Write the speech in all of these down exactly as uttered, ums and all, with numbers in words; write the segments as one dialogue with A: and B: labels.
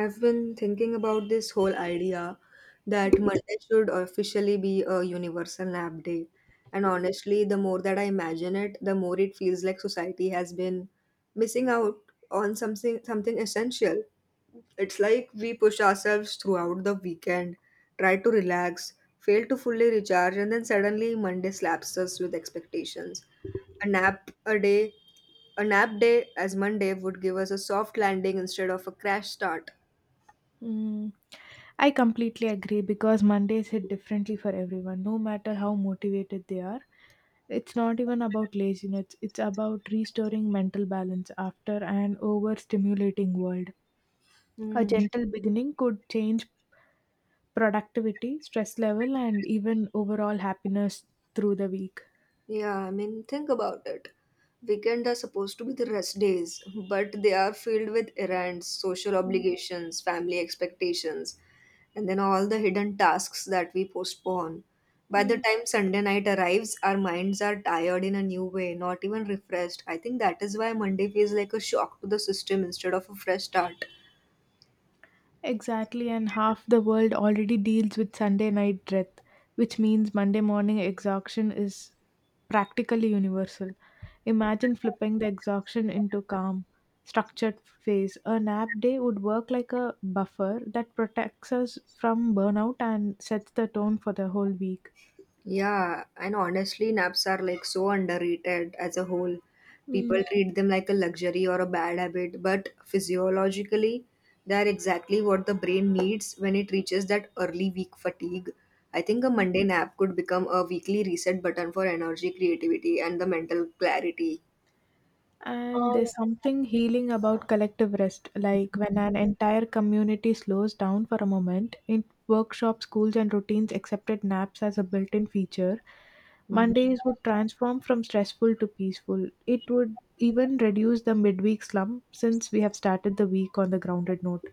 A: I've been thinking about this whole idea that Monday should officially be a universal nap day. And honestly, the more that I imagine it, the more it feels like society has been missing out on something something essential. It's like we push ourselves throughout the weekend, try to relax, fail to fully recharge, and then suddenly Monday slaps us with expectations. A nap a day, a nap day as Monday would give us a soft landing instead of a crash start.
B: Mm, I completely agree because Mondays hit differently for everyone, no matter how motivated they are. It's not even about laziness, it's about restoring mental balance after an overstimulating world. A
A: Mm.
B: gentle beginning could change productivity, stress level, and even overall happiness through the week.
A: Yeah, I mean, think about it. Weekend are supposed to be the rest days, but they are filled with errands, social obligations, family expectations, and then all the hidden tasks that we postpone. By the
B: Mm,
A: time Sunday night arrives, our minds are tired in a new way, not even refreshed. I think that is why Monday feels like a shock to the system instead of a fresh start.
B: Exactly, and half the world already deals with Sunday night dread, which means Monday morning exhaustion is practically universal. Imagine flipping the exhaustion into calm, structured phase. A nap day would work like a buffer that protects us from burnout and sets the tone for the whole week.
A: Yeah, and honestly, naps are like so underrated as a whole. People
B: Mm.
A: treat them like a luxury or a bad habit, but physiologically, they are exactly what the brain needs when it reaches that early week fatigue. I think a Monday nap could become a weekly reset button for energy, creativity, and the mental clarity.
B: And there's something healing about collective rest, like when an entire community slows down for a moment. In workshops, schools, and routines accepted naps as a built in feature. Mondays would transform from stressful to peaceful. It would even reduce the midweek slump since we have started the week on the grounded note.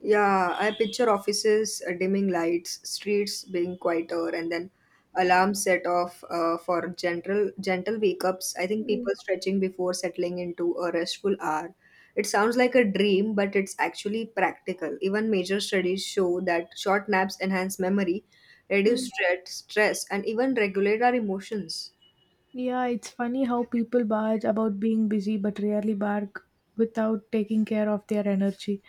A: Yeah, I picture offices, uh, dimming lights, streets being quieter, and then alarms set off uh, for gentle gentle wake ups. I think people stretching before settling into a restful hour. It sounds like a dream, but it's actually practical. Even major studies show that short naps enhance memory, reduce
B: Mm.
A: stress, stress, and even regulate our emotions.
B: Yeah, it's funny how people barge about being busy but rarely bark without taking care of their energy.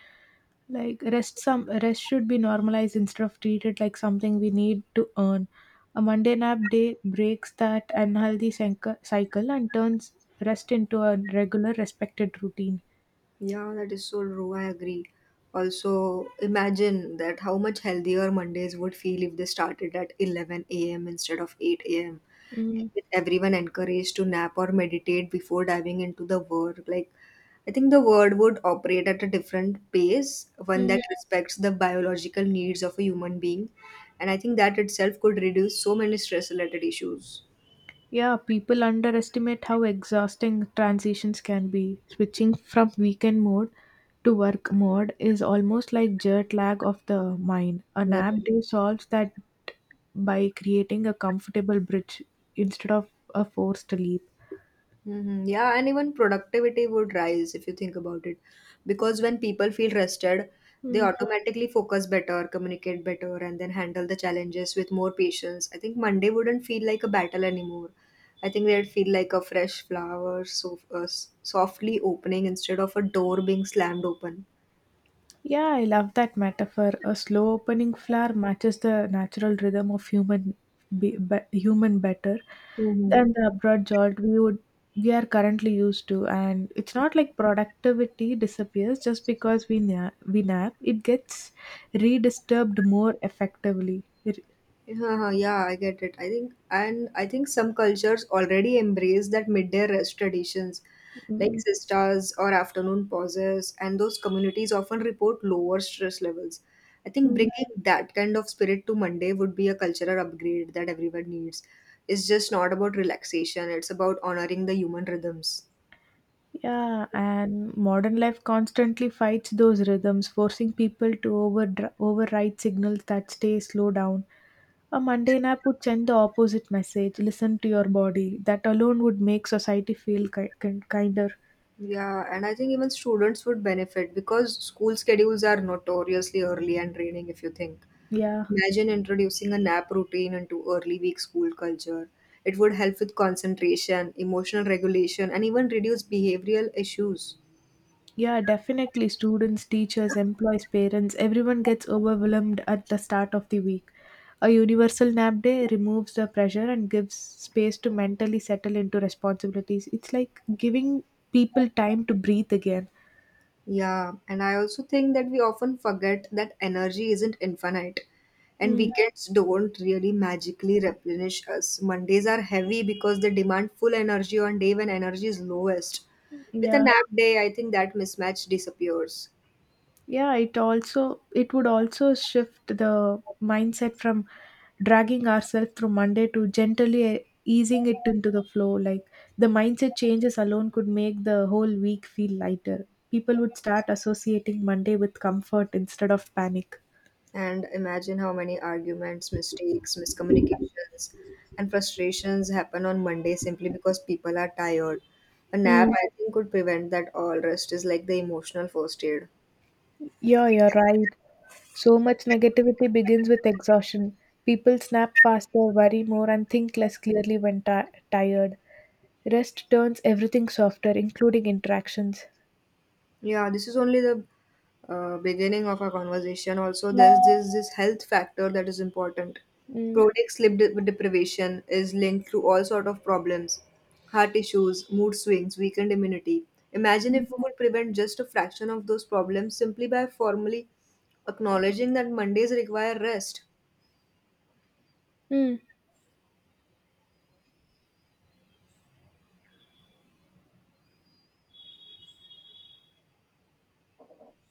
B: Like, rest some rest should be normalized instead of treated like something we need to earn. A monday nap day breaks that unhealthy cycle cycle and turns rest into a regular respected routine.
A: Yeah, that is so true. I agree. Also, imagine that how much healthier Mondays would feel if they started at eleven a m instead of eight a m.
B: Mm-hmm.
A: With everyone encouraged to nap or meditate before diving into the work. Like, I think the world would operate at a different pace, one that respects the biological needs of a human being. And I think that itself could reduce so many stress related issues.
B: Yeah, people underestimate how exhausting transitions can be. Switching from weekend mode to work mode is almost like jet lag of the mind. A
A: Yeah.
B: nap day solves that by creating a comfortable bridge instead of a forced leap.
A: Mhm. Yeah, and even productivity would rise if you think about it. Because when people feel rested, they
B: Hmm.
A: automatically focus better, communicate better, and then handle the challenges with more patience. I think Monday wouldn't feel like a battle anymore. I think they'd feel like a fresh flower so, uh, s- softly opening instead of a door being slammed open.
B: Yeah, I love that metaphor. A slow opening flower matches the natural rhythm of human be, be, human better
A: Hmm.
B: than the abrupt jolt we would we are currently used to. And it's not like productivity disappears just because we na- we nap. It gets redisturbed more effectively. It,
A: Yeah, yeah, I get it. I think, and I think some cultures already embrace that midday rest traditions, like sisters or afternoon pauses, and those communities often report lower stress levels. I think bringing that kind of spirit to Monday would be a cultural upgrade that everyone needs. It's just not about relaxation, it's about honoring the human rhythms.
B: yeah, and modern life constantly fights those rhythms, forcing people to over override signals that stay slow down. A mundane app would send the opposite message: listen to your body. That alone would make society feel ki- kin- kinder.
A: Yeah, and I think even students would benefit because school schedules are notoriously early and draining if you think.
B: Yeah.
A: Imagine introducing a nap routine into early week school culture. It would help with concentration, emotional regulation, and even reduce behavioral issues.
B: Yeah, definitely. Students, teachers, employees, parents, everyone gets overwhelmed at the start of the week. A universal nap day removes the pressure and gives space to mentally settle into responsibilities. It's like giving people time to breathe again.
A: Yeah, and I also think that we often forget that energy isn't infinite, and
B: Mm,
A: weekends don't really magically replenish us. Mondays are heavy because they demand full energy on day when energy is lowest. With a
B: yeah.
A: nap day, I think that mismatch disappears.
B: Yeah, it also it would also shift the mindset from dragging ourselves through monday to gently easing it into the flow. Like, the mindset changes alone could make the whole week feel lighter. People would start associating monday with comfort instead of panic.
A: And imagine how many arguments, mistakes, miscommunications, and frustrations happen on Monday simply because people are tired. A nap,
B: Mm,
A: I think, could prevent that all. Rest is like the emotional first aid.
B: yeah, you're right. So much negativity begins with exhaustion. People snap faster, worry more, and think less clearly when ti tired. Rest turns everything softer, including interactions.
A: Yeah, this is only the uh, beginning of our conversation. Also, there's this this health factor that is important.
B: Mm,
A: Chronic sleep de- deprivation is linked to all sort of problems, heart issues, mood swings, weakened immunity. Imagine
B: mm,
A: if we could prevent just a fraction of those problems simply by formally acknowledging that Mondays require rest.
B: mm,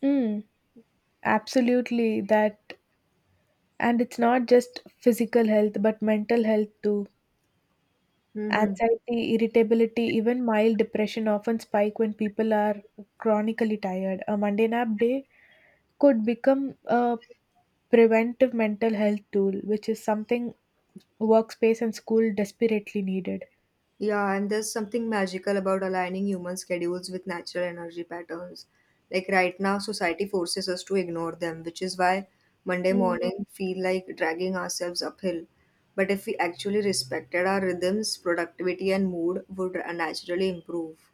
B: mm. Absolutely, that, and it's not just physical health, but mental health too.
A: Mhm.
B: Anxiety, irritability, even mild depression often spike when people are chronically tired. A Monday nap day could become a preventive mental health tool, which is something workspace and school desperately needed.
A: Yeah, and there's something magical about aligning human schedules with natural energy patterns. Like right now, society forces us to ignore them, which is why Monday morning feel like dragging ourselves uphill. But if we actually respected our rhythms, productivity and mood would naturally improve.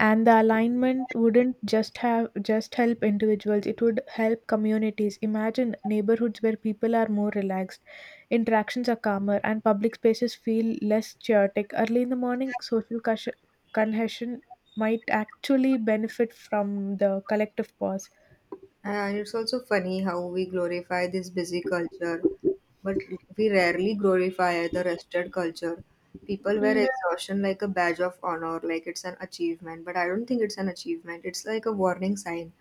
B: And the alignment wouldn't just have just help individuals, it would help communities. Imagine neighborhoods where people are more relaxed, interactions are calmer, and public spaces feel less chaotic early in the morning. Social cush- congestion might actually benefit from the collective pause.
A: And it's also funny how we glorify this busy culture, but we rarely glorify the rested culture. People wear exhaustion like a badge of honor, like it's an achievement, but I don't think it's an achievement. It's like a warning sign.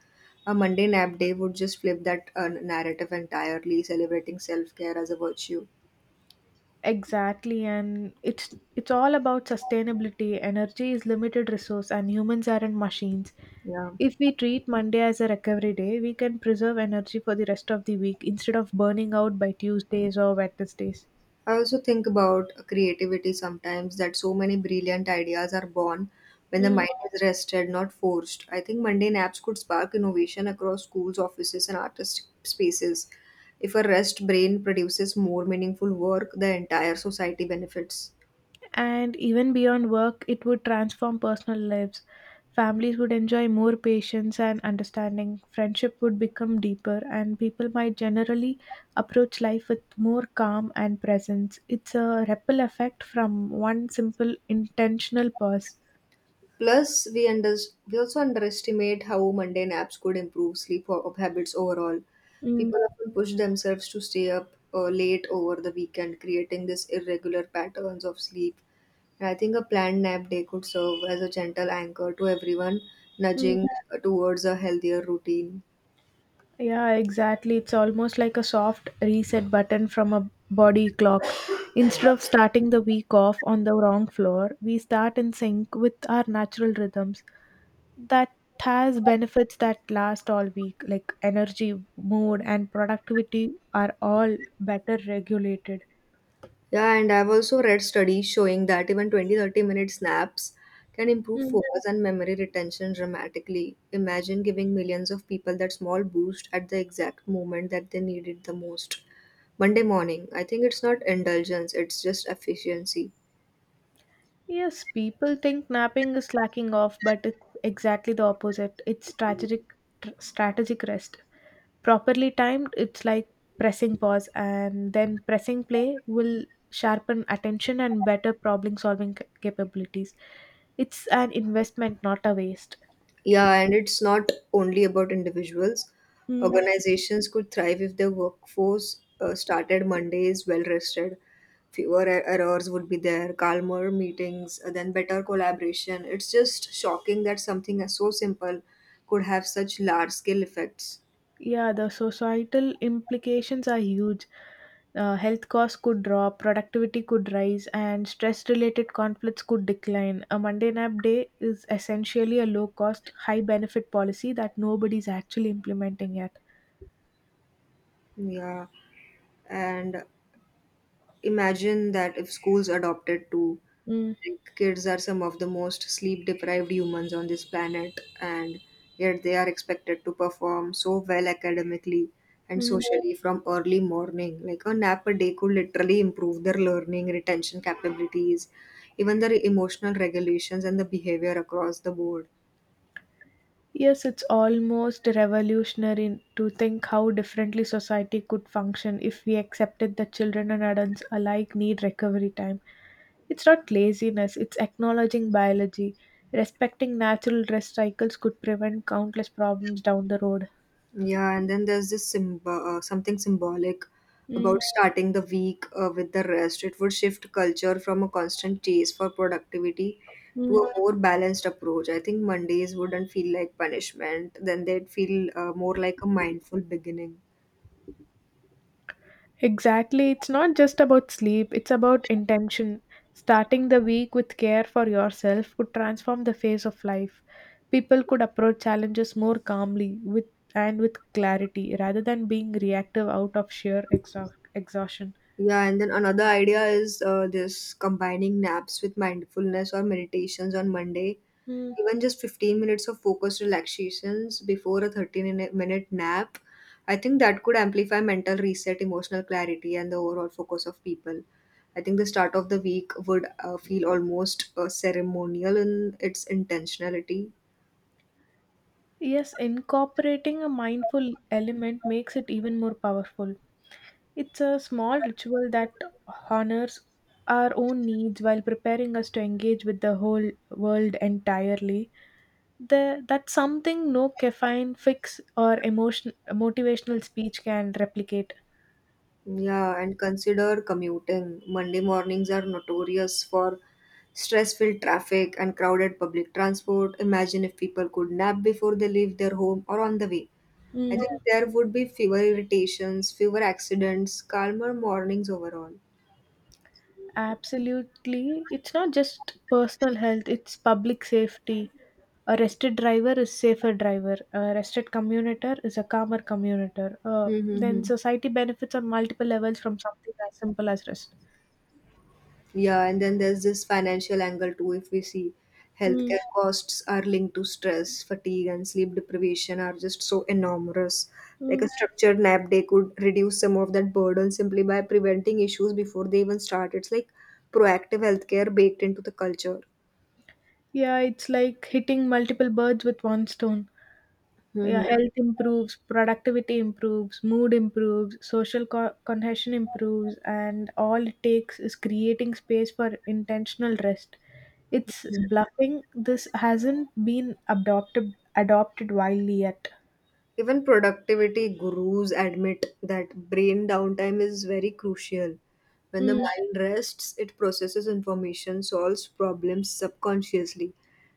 A: A Monday nap day would just flip that uh, narrative entirely, celebrating self care as a virtue.
B: Exactly, and it's it's all about sustainability. Energy is limited resource, and humans aren't machines.
A: Yeah.
B: If we treat Monday as a recovery day, we can preserve energy for the rest of the week instead of burning out by Tuesdays or Wednesdays.
A: I also think about creativity sometimes that so many brilliant ideas are born when the
B: Mm.
A: mind is rested, not forced. I think mundane apps could spark innovation across schools, offices, and artistic spaces. If a rest brain produces more meaningful work, the entire society benefits.
B: And even beyond work, it would transform personal lives. Families would enjoy more patience and understanding, friendship would become deeper, and people might generally approach life with more calm and presence. It's a ripple effect from one simple intentional pause.
A: Plus, we, under- we also underestimate how mundane apps could improve sleep ho- habits overall.
B: Mm,
A: People often push themselves to stay up uh, late over the weekend, creating this irregular patterns of sleep. I think a planned nap day could serve as a gentle anchor to everyone
B: mm.
A: nudging towards a healthier routine.
B: Yeah, exactly. It's almost like a soft reset button from a body clock. Instead of starting the week off on the wrong floor, we start in sync with our natural rhythms. That has benefits that last all week, like energy, mood, and productivity are all better regulated.
A: Yeah, and I've also read studies showing that even twenty thirty minute naps can improve
B: Mm.
A: focus and memory retention dramatically. Imagine giving millions of people that small boost at the exact moment that they need it the most. Monday morning, I think it's not indulgence, it's just efficiency.
B: Yes, people think napping is slacking off, but it's exactly the opposite. It's strategic, tr- strategic rest. Properly timed, it's like pressing pause and then pressing play will sharpen attention and better problem solving ca- capabilities. It's an investment, not a waste.
A: Yeah, and it's not only about individuals.
B: Mm,
A: Organizations could thrive if their workforce uh, started Mondays well rested. Fewer er- errors would be there, calmer meetings, uh, then better collaboration. It's just shocking that something as so simple could have such large scale effects.
B: yeah, the societal implications are huge. Uh, health costs could drop, productivity could rise, and stress related conflicts could decline. A Monday nap day is essentially a low cost, high benefit policy that nobody's actually implementing yet.
A: Yeah, and imagine that if schools adopted to
B: Mm.
A: like, kids are some of the most sleep deprived humans on this planet and yet they are expected to perform so well academically and
B: Mm.
A: socially from early morning like a nap a day could literally improve their learning retention capabilities even their emotional regulations and the behavior across the board.
B: Yes, it's almost revolutionary to think how differently society could function if we accepted that children and adults alike need recovery time. It's not laziness, it's acknowledging biology. Respecting natural rest cycles could prevent countless problems down the road.
A: Yeah, and then there's this symb- uh, something symbolic about
B: Mm-hmm.
A: starting the week uh, with the rest. It would shift culture from a constant chase for productivity to a more balanced approach. I think Mondays wouldn't feel like punishment, then they'd feel uh, more like a mindful beginning.
B: Exactly. It's not just about sleep, it's about intention. Starting the week with care for yourself could transform the face of life. People could approach challenges more calmly with and with clarity rather than being reactive out of sheer exha- exhaustion.
A: Yeah, and then another idea is uh, this combining naps with mindfulness or meditations on Monday.
B: Mm,
A: Even just fifteen minutes of focused relaxations before a thirteen in- minute nap, I think that could amplify mental reset, emotional clarity, and the overall focus of people. I think the start of the week would uh, feel almost uh, ceremonial in its intentionality.
B: yes, incorporating a mindful element makes it even more powerful. It's a small ritual that honors our own needs while preparing us to engage with the whole world entirely. The That's something no caffeine fix or emotion motivational speech can replicate.
A: Yeah, and consider commuting. Monday mornings are notorious for stress-filled traffic and crowded public transport. Imagine if people could nap before they leave their home or on the way. I
B: mm,
A: think there would be fewer irritations, fewer accidents, calmer mornings overall.
B: Absolutely, it's not just personal health, it's public safety. A rested driver is safer driver, a rested commuter is a calmer commuter, uh,
A: Hmm. Hmm,
B: then
A: hmm.
B: society benefits on multiple levels from something as simple as rest.
A: Yeah, and then there's this financial angle too. If we see
B: Mm,
A: healthcare costs are linked to stress, fatigue, and sleep deprivation are just so enormous. Like
B: mm.
A: a structured nap day could reduce some of that burden simply by preventing issues before they even start. It's like proactive healthcare baked into the culture.
B: Yeah, it's like hitting multiple birds with one stone.
A: Mhm.
B: Yeah, health improves, productivity improves, mood improves, social co- cohesion improves, and all it takes is creating space for intentional rest. It's bluffing. This hasn't been adopted adopted widely yet.
A: Even productivity gurus admit that brain downtime is very crucial. When the mind rests, it processes information, solves problems subconsciously,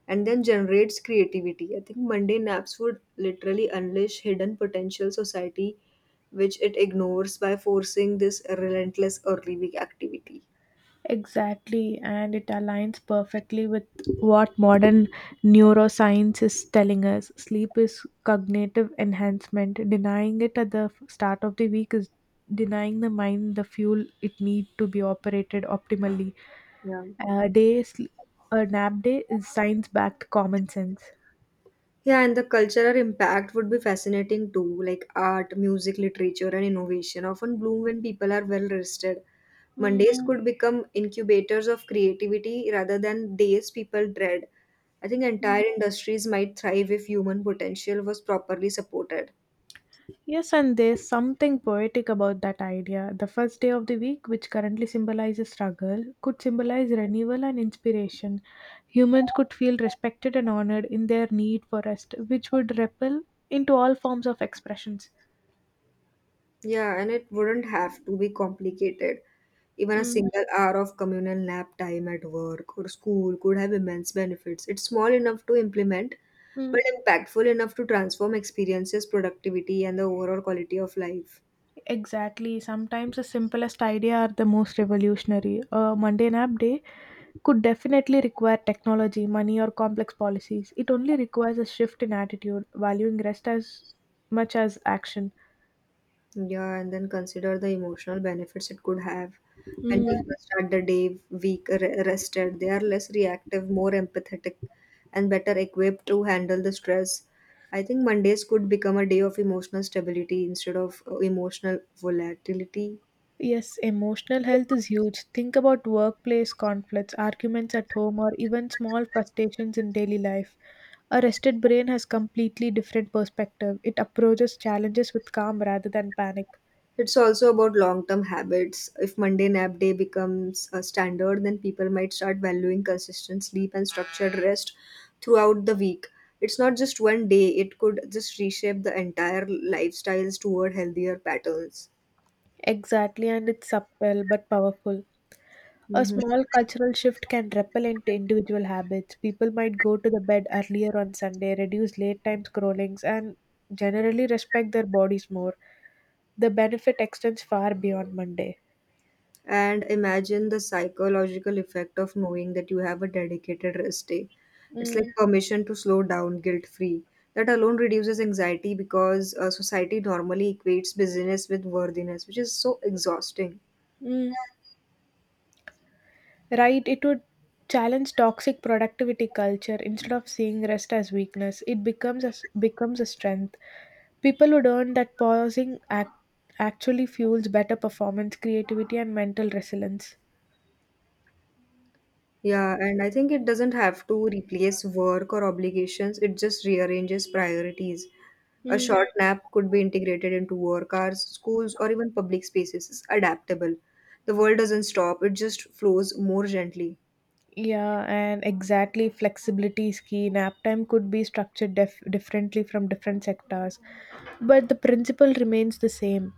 A: and then generates creativity. I think Monday naps would literally unleash hidden potential society, which it ignores by forcing this relentless early week activity.
B: Exactly, and it aligns perfectly with what modern neuroscience is telling us. Sleep is cognitive enhancement. Denying it at the f- start of the week is denying the mind the fuel it needs to be operated optimally.
A: Yeah.
B: A day, sl- a nap day is science-backed common sense.
A: Yeah, and the cultural impact would be fascinating too, like art, music, literature, and innovation often bloom when people are well rested.
B: Hmm.
A: Mondays could become incubators of creativity rather than days people dread. I think entire industries might thrive if human potential was properly supported.
B: Yes, and there's something poetic about that idea. The first day of the week, which currently symbolizes struggle, could symbolize renewal and inspiration. Humans could feel respected and honored in their need for rest, which would ripple into all forms of expressions.
A: Yeah, and it wouldn't have to be complicated. Even a
B: Mm,
A: single hour of communal nap time at work or school could have immense benefits. It's small enough to implement,
B: mm,
A: but impactful enough to transform experiences, productivity, and the overall quality of life.
B: exactly. Sometimes the simplest idea are the most revolutionary. A mundane app day could definitely require technology, money, or complex policies. It only requires a shift in attitude, valuing rest as much as action.
A: Yeah, and then consider the emotional benefits it could have. When
B: Mm.
A: people start the day week re- rested, they are less reactive, more empathetic, and better equipped to handle the stress. I think Mondays could become a day of emotional stability instead of uh, emotional volatility.
B: Yes, emotional health is huge. Think about workplace conflicts, arguments at home, or even small frustrations in daily life. A rested brain has completely different perspective. It approaches challenges with calm rather than panic.
A: It's also about long term habits. If Monday nap day becomes a standard, then people might start valuing consistent sleep and structured rest throughout the week. It's not just one day, it could just reshape the entire lifestyles toward healthier patterns.
B: Exactly, and it's subtle but powerful. A
A: Mhm.
B: small cultural shift can ripple into individual habits. People might go to the bed earlier on Sunday, reduce late time scrollings, and generally respect their bodies more. The benefit extends far beyond Monday.
A: And imagine the psychological effect of knowing that you have a dedicated rest day. It's like
B: Mm,
A: permission to slow down guilt free. That alone reduces anxiety because uh, society normally equates busyness with worthiness, which is so exhausting.
B: mm. Right, it would challenge toxic productivity culture instead of seeing rest as weakness. It becomes a, s- becomes a strength. People would learn that pausing act, actually fuels better performance, creativity, and mental resilience.
A: Yeah, and I think it doesn't have to replace work or obligations, it just rearranges priorities. A
B: Mm.
A: short nap could be integrated into work hours, schools, or even public spaces. It's adaptable. The world doesn't stop, it just flows more gently.
B: Yeah, and exactly flexibility is key. Nap time could be structured def- differently from different sectors, but the principle remains the same.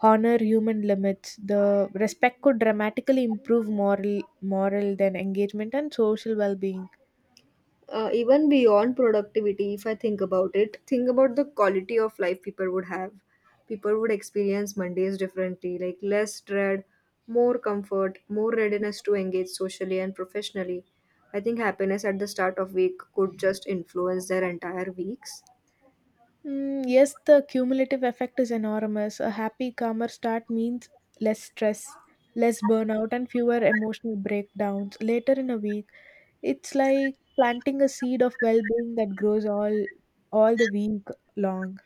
B: Honor human limits. The respect could dramatically improve moral, moral then engagement and social well-being.
A: Uh, even beyond productivity, if I think about it, think about the quality of life people would have. People would experience Mondays differently, like less dread, more comfort, more readiness to engage socially and professionally. I think happiness at the start of week could just influence their entire weeks.
B: Mm, yes, the cumulative effect is enormous. A happy, calmer start means less stress, less burnout, and fewer emotional breakdowns later in a week. It's like planting a seed of well-being that grows all all the week long.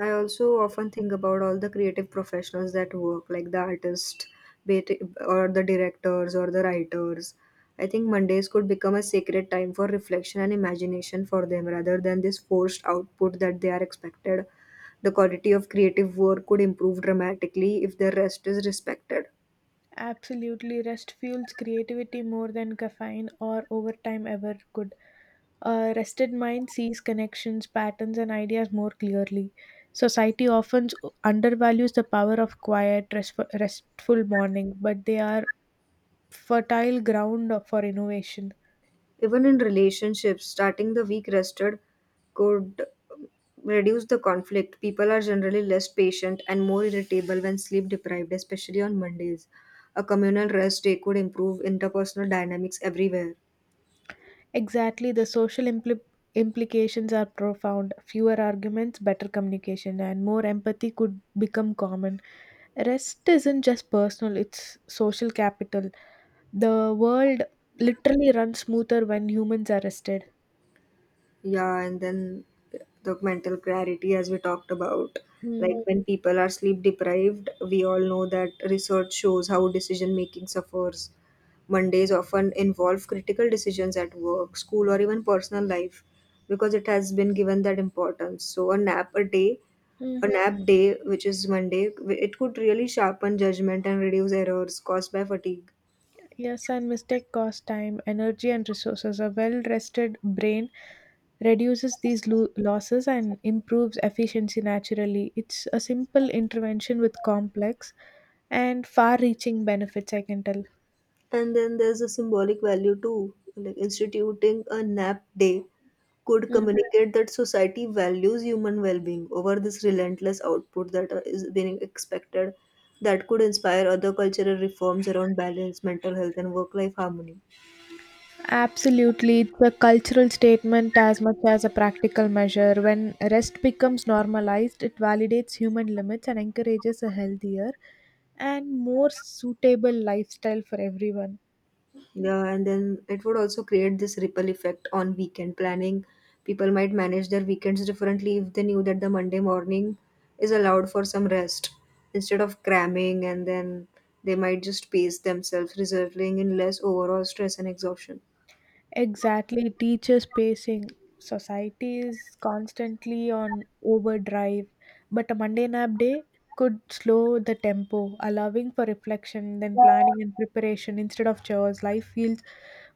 A: I also often think about all the creative professionals that work, like the artists, be it- or the directors, or the writers. I think Mondays could become a sacred time for reflection and imagination for them rather than this forced output that they are expected. The quality of creative work could improve dramatically if their rest is respected.
B: Absolutely, rest fuels creativity more than caffeine or overtime ever could. A rested mind sees connections, patterns, and ideas more clearly. Society often undervalues the power of quiet, restful restful morning, but they are fertile ground for innovation.
A: Even in relationships, starting the week rested could reduce the conflict. People are generally less patient and more irritable when sleep deprived, especially on Mondays. A communal rest day could improve interpersonal dynamics everywhere.
B: Exactly, the social impli- implications are profound. Fewer arguments, better communication, and more empathy could become common. Rest isn't just personal, it's social capital. The world literally runs smoother when humans are rested.
A: Yeah, and then the mental clarity, as we talked about. Like
B: Mm.
A: when people are sleep deprived, we all know that research shows how decision making suffers. Mondays often involve critical decisions at work, school, or even personal life because it has been given that importance. So, a nap a day,
B: Mm.
A: a nap day, which is Monday, it could really sharpen judgment and reduce errors caused by fatigue.
B: Yes, and mistake cost time, energy, and resources. A well rested brain reduces these lo- losses and improves efficiency naturally. It's a simple intervention with complex and far reaching benefits, I can tell.
A: And then there's a symbolic value too, like instituting a nap day could
B: Mm.
A: communicate that society values human well-being over this relentless output that uh, is being expected, that could inspire other cultural reforms around balance mental health and work-life harmony.
B: Absolutely. It's a cultural statement as much as a practical measure. When rest becomes normalized, it validates human limits and encourages a healthier and more suitable lifestyle for everyone.
A: Yeah, and then it would also create this ripple effect on weekend planning. People might manage their weekends differently if they knew that the Monday morning is allowed for some rest instead of cramming, and then they might just pace themselves, resulting in less overall stress and exhaustion.
B: Exactly, teachers pacing. Society is constantly on overdrive, but a Monday nap day could slow the tempo, allowing for reflection, then planning and preparation instead of chores. Life feels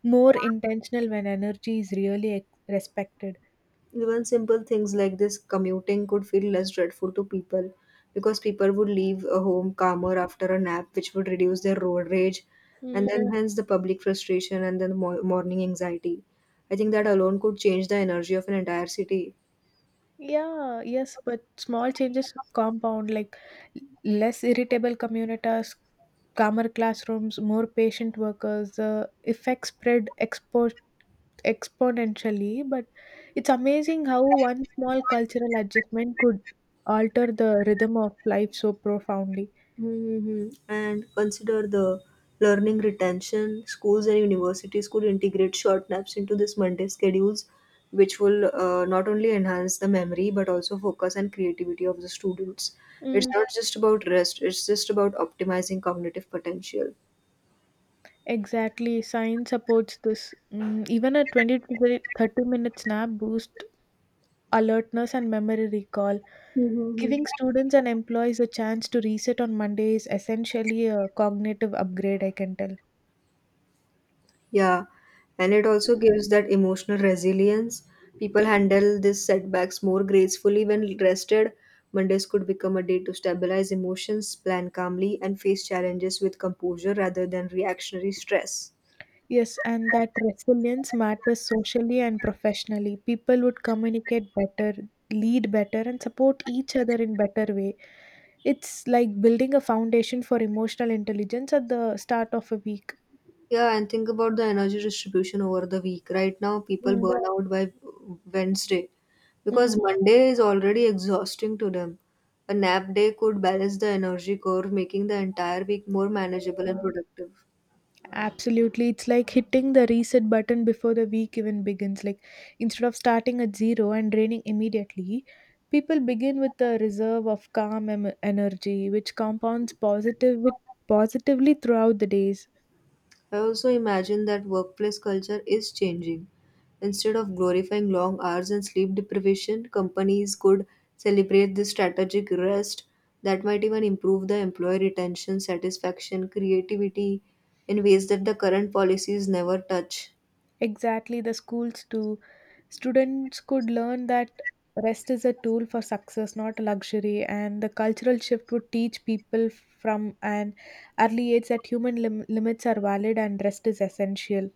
B: more intentional when energy is really ex- respected.
A: Even simple things like this commuting could feel less dreadful to people because people would leave a home calmer after a nap, which would reduce their road rage and
B: Mm,
A: then, yeah, hence the public frustration and then mo- morning anxiety. I think that alone could change the energy of an entire city.
B: yeah, yes, but small changes compound like less irritable communities, calmer classrooms, more patient workers. The effect spread exponentially, but it's amazing how one small cultural adjustment could alter the rhythm of life so profoundly.
A: Mm-hmm. And consider the learning retention. Schools and universities could integrate short naps into this Monday schedules, which will uh, not only enhance the memory but also focus and creativity of the students. It's
B: Mm,
A: not just about rest, it's just about optimizing cognitive potential.
B: exactly. Science supports this. Mm, even a twenty to thirty minute snap boosts alertness and memory recall. Giving students and employees a chance to reset on Monday is essentially a cognitive upgrade, I can tell.
A: Yeah, and it also gives that emotional resilience. People handle these setbacks more gracefully when rested. Mondays could become a day to stabilize emotions, plan calmly, and face challenges with composure rather than reactionary stress.
B: Yes, and that resilience matters socially and professionally. People would communicate better, lead better, and support each other in better way. It's like building a foundation for emotional intelligence at the start of a week.
A: Yeah, and think about the energy distribution over the week. Right now, people
B: Mm,
A: burn out by Wednesday
B: mm,
A: because Monday is already exhausting to them. A nap day could balance the energy curve, making the entire week more manageable and productive.
B: absolutely. It's like hitting the reset button before the week even begins. Like instead of starting at zero and draining immediately, people begin with a reserve of calm em- energy, which compounds positive with positively throughout the days.
A: I also imagine that workplace culture is changing. Instead of glorifying long hours and sleep deprivation, companies could celebrate this strategic rest that might even improve the employee retention, satisfaction, creativity in ways that the current policies never touch.
B: Exactly, the schools too. Students could learn that rest is a tool for success, not a luxury, and the cultural shift would teach people from an early age that human lim- limits are valid and rest is essential.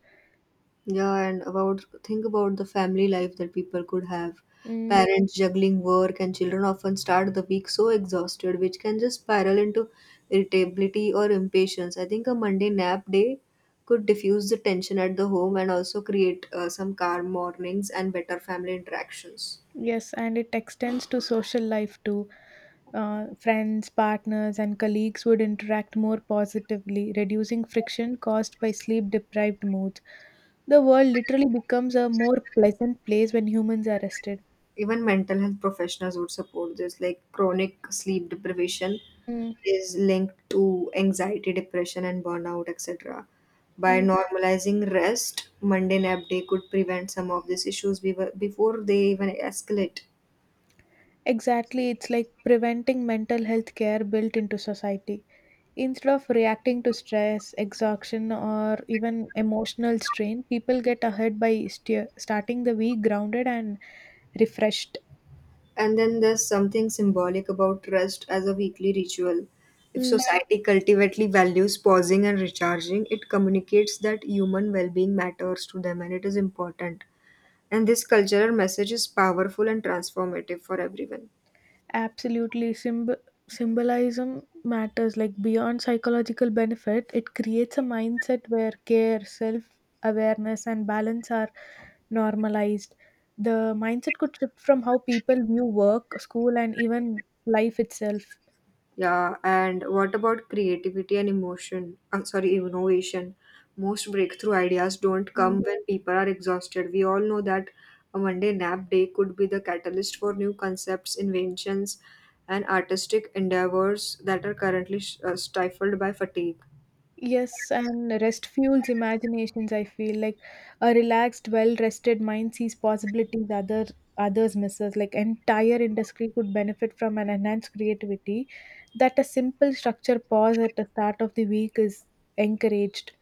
A: Yeah, and about think about the family life that people could have.
B: Mm,
A: Parents juggling work and children often start the week so exhausted, which can just spiral into irritability or impatience. I think a Monday nap day could diffuse the tension at the home and also create uh, some calm mornings and better family interactions.
B: yes, and it extends to social life too. Uh, friends, partners, and colleagues would interact more positively, reducing friction caused by sleep deprived moods. The world literally becomes a more pleasant place when humans are rested.
A: Even mental health professionals would support this, like chronic sleep deprivation
B: Mm,
A: is linked to anxiety, depression, and burnout, etc. By
B: mm.
A: normalizing rest, Monday nap day could prevent some of these issues bevo- before they even escalate.
B: Exactly. It's like preventing mental health care built into society. Instead of reacting to stress, exhaustion, or even emotional strain, people get ahead by steer starting the week grounded and refreshed.
A: And then there's something symbolic about rest as a weekly ritual. If
B: Mm,
A: society cultivately values pausing and recharging, it communicates that human well-being matters to them and it is important. And this cultural message is powerful and transformative for everyone.
B: absolutely. Symb- symbolism matters. Like beyond psychological benefit, it creates a mindset where care, self awareness, and balance are normalized. The mindset could shift from how people view work, school, and even life itself.
A: Yeah, and what about creativity and emotion? I'm sorry, innovation. Most breakthrough ideas don't
B: Mm.
A: come when people are exhausted. We all know that a Monday nap day could be the catalyst for new concepts, inventions, and artistic endeavors that are currently uh, stifled by fatigue.
B: Yes, and rest fuels imaginations, I feel like a relaxed, well-rested mind sees possibilities other others misses. Like entire industry could benefit from an enhanced creativity that a simple structure pause at the start of the week is encouraged.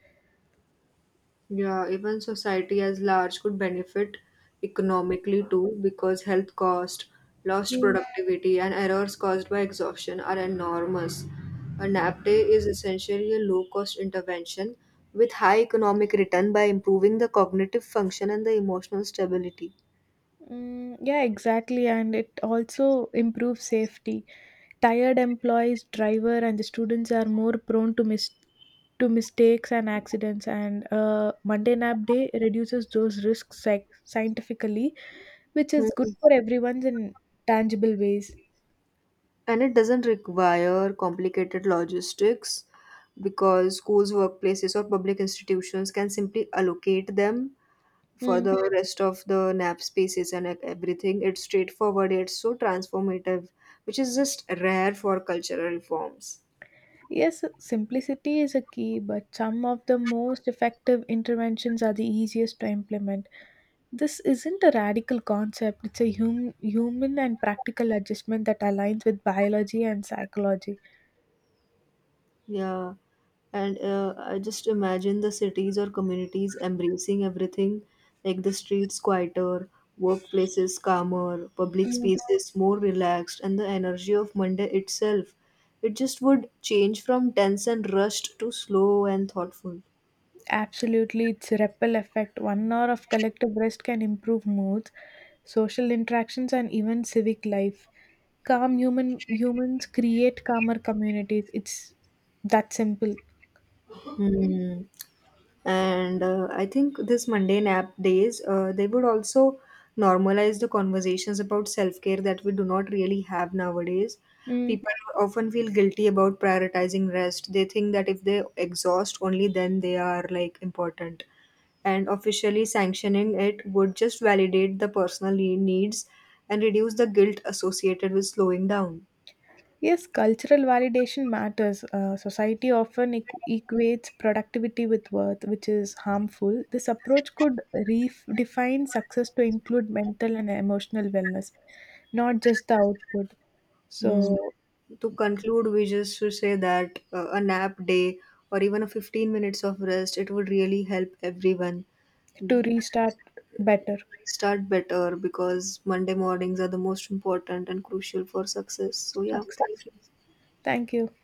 A: Yeah, even society as large could benefit economically too because health cost, lost
B: Mm.
A: productivity, and errors caused by exhaustion are enormous. A nap day is essentially a low cost intervention with high economic return by improving the cognitive function and the emotional stability.
B: Mm, yeah, exactly, and it also improves safety. Tired employees, driver, and the students are more prone to mis- to mistakes and accidents. And uh, Monday nap day reduces those risks sci- scientifically, which is good
A: Mhm.
B: for everyone in tangible ways.
A: And it doesn't require complicated logistics because schools, workplaces, or public institutions can simply allocate them for
B: Hmm.
A: the, yeah, rest of the nap spaces and e- everything. It's straightforward, it's so transformative, which is just rare for cultural reforms.
B: Yes, simplicity is a key, but some of the most effective interventions are the easiest to implement. This isn't a radical concept, it's a hum- human and practical adjustment that aligns with biology and psychology.
A: Yeah, and uh, I just imagine the cities or communities embracing everything, like the streets quieter, workplaces calmer, public spaces more relaxed, and the energy of Monday itself. It just would change from tense and rushed to slow and thoughtful.
B: Absolutely, it's a ripple effect. One hour of collective rest can improve moods, social interactions, and even civic life. Calm human humans create calmer communities. It's that simple.
A: Hmm. And uh, I think this mundane app days, uh, they would also normalize the conversations about self care that we do not really have nowadays.
B: Mm.
A: People often feel guilty about prioritizing rest. They think that if they exhaust, only then they are like important. And officially sanctioning it would just validate the personal ne- needs and reduce the guilt associated with slowing down.
B: Yes, cultural validation matters. Uh, society often equ- equates productivity with worth, which is harmful. This approach could redefine success to include mental and emotional wellness, not just the output.
A: Hmm.
B: So,
A: To conclude, we just should say that uh, a nap day or even a fifteen minutes of rest, it would really help everyone
B: to restart better
A: start better because Monday mornings are the most important and crucial for success. So yeah,
B: success.
A: thank you.
B: Thank you.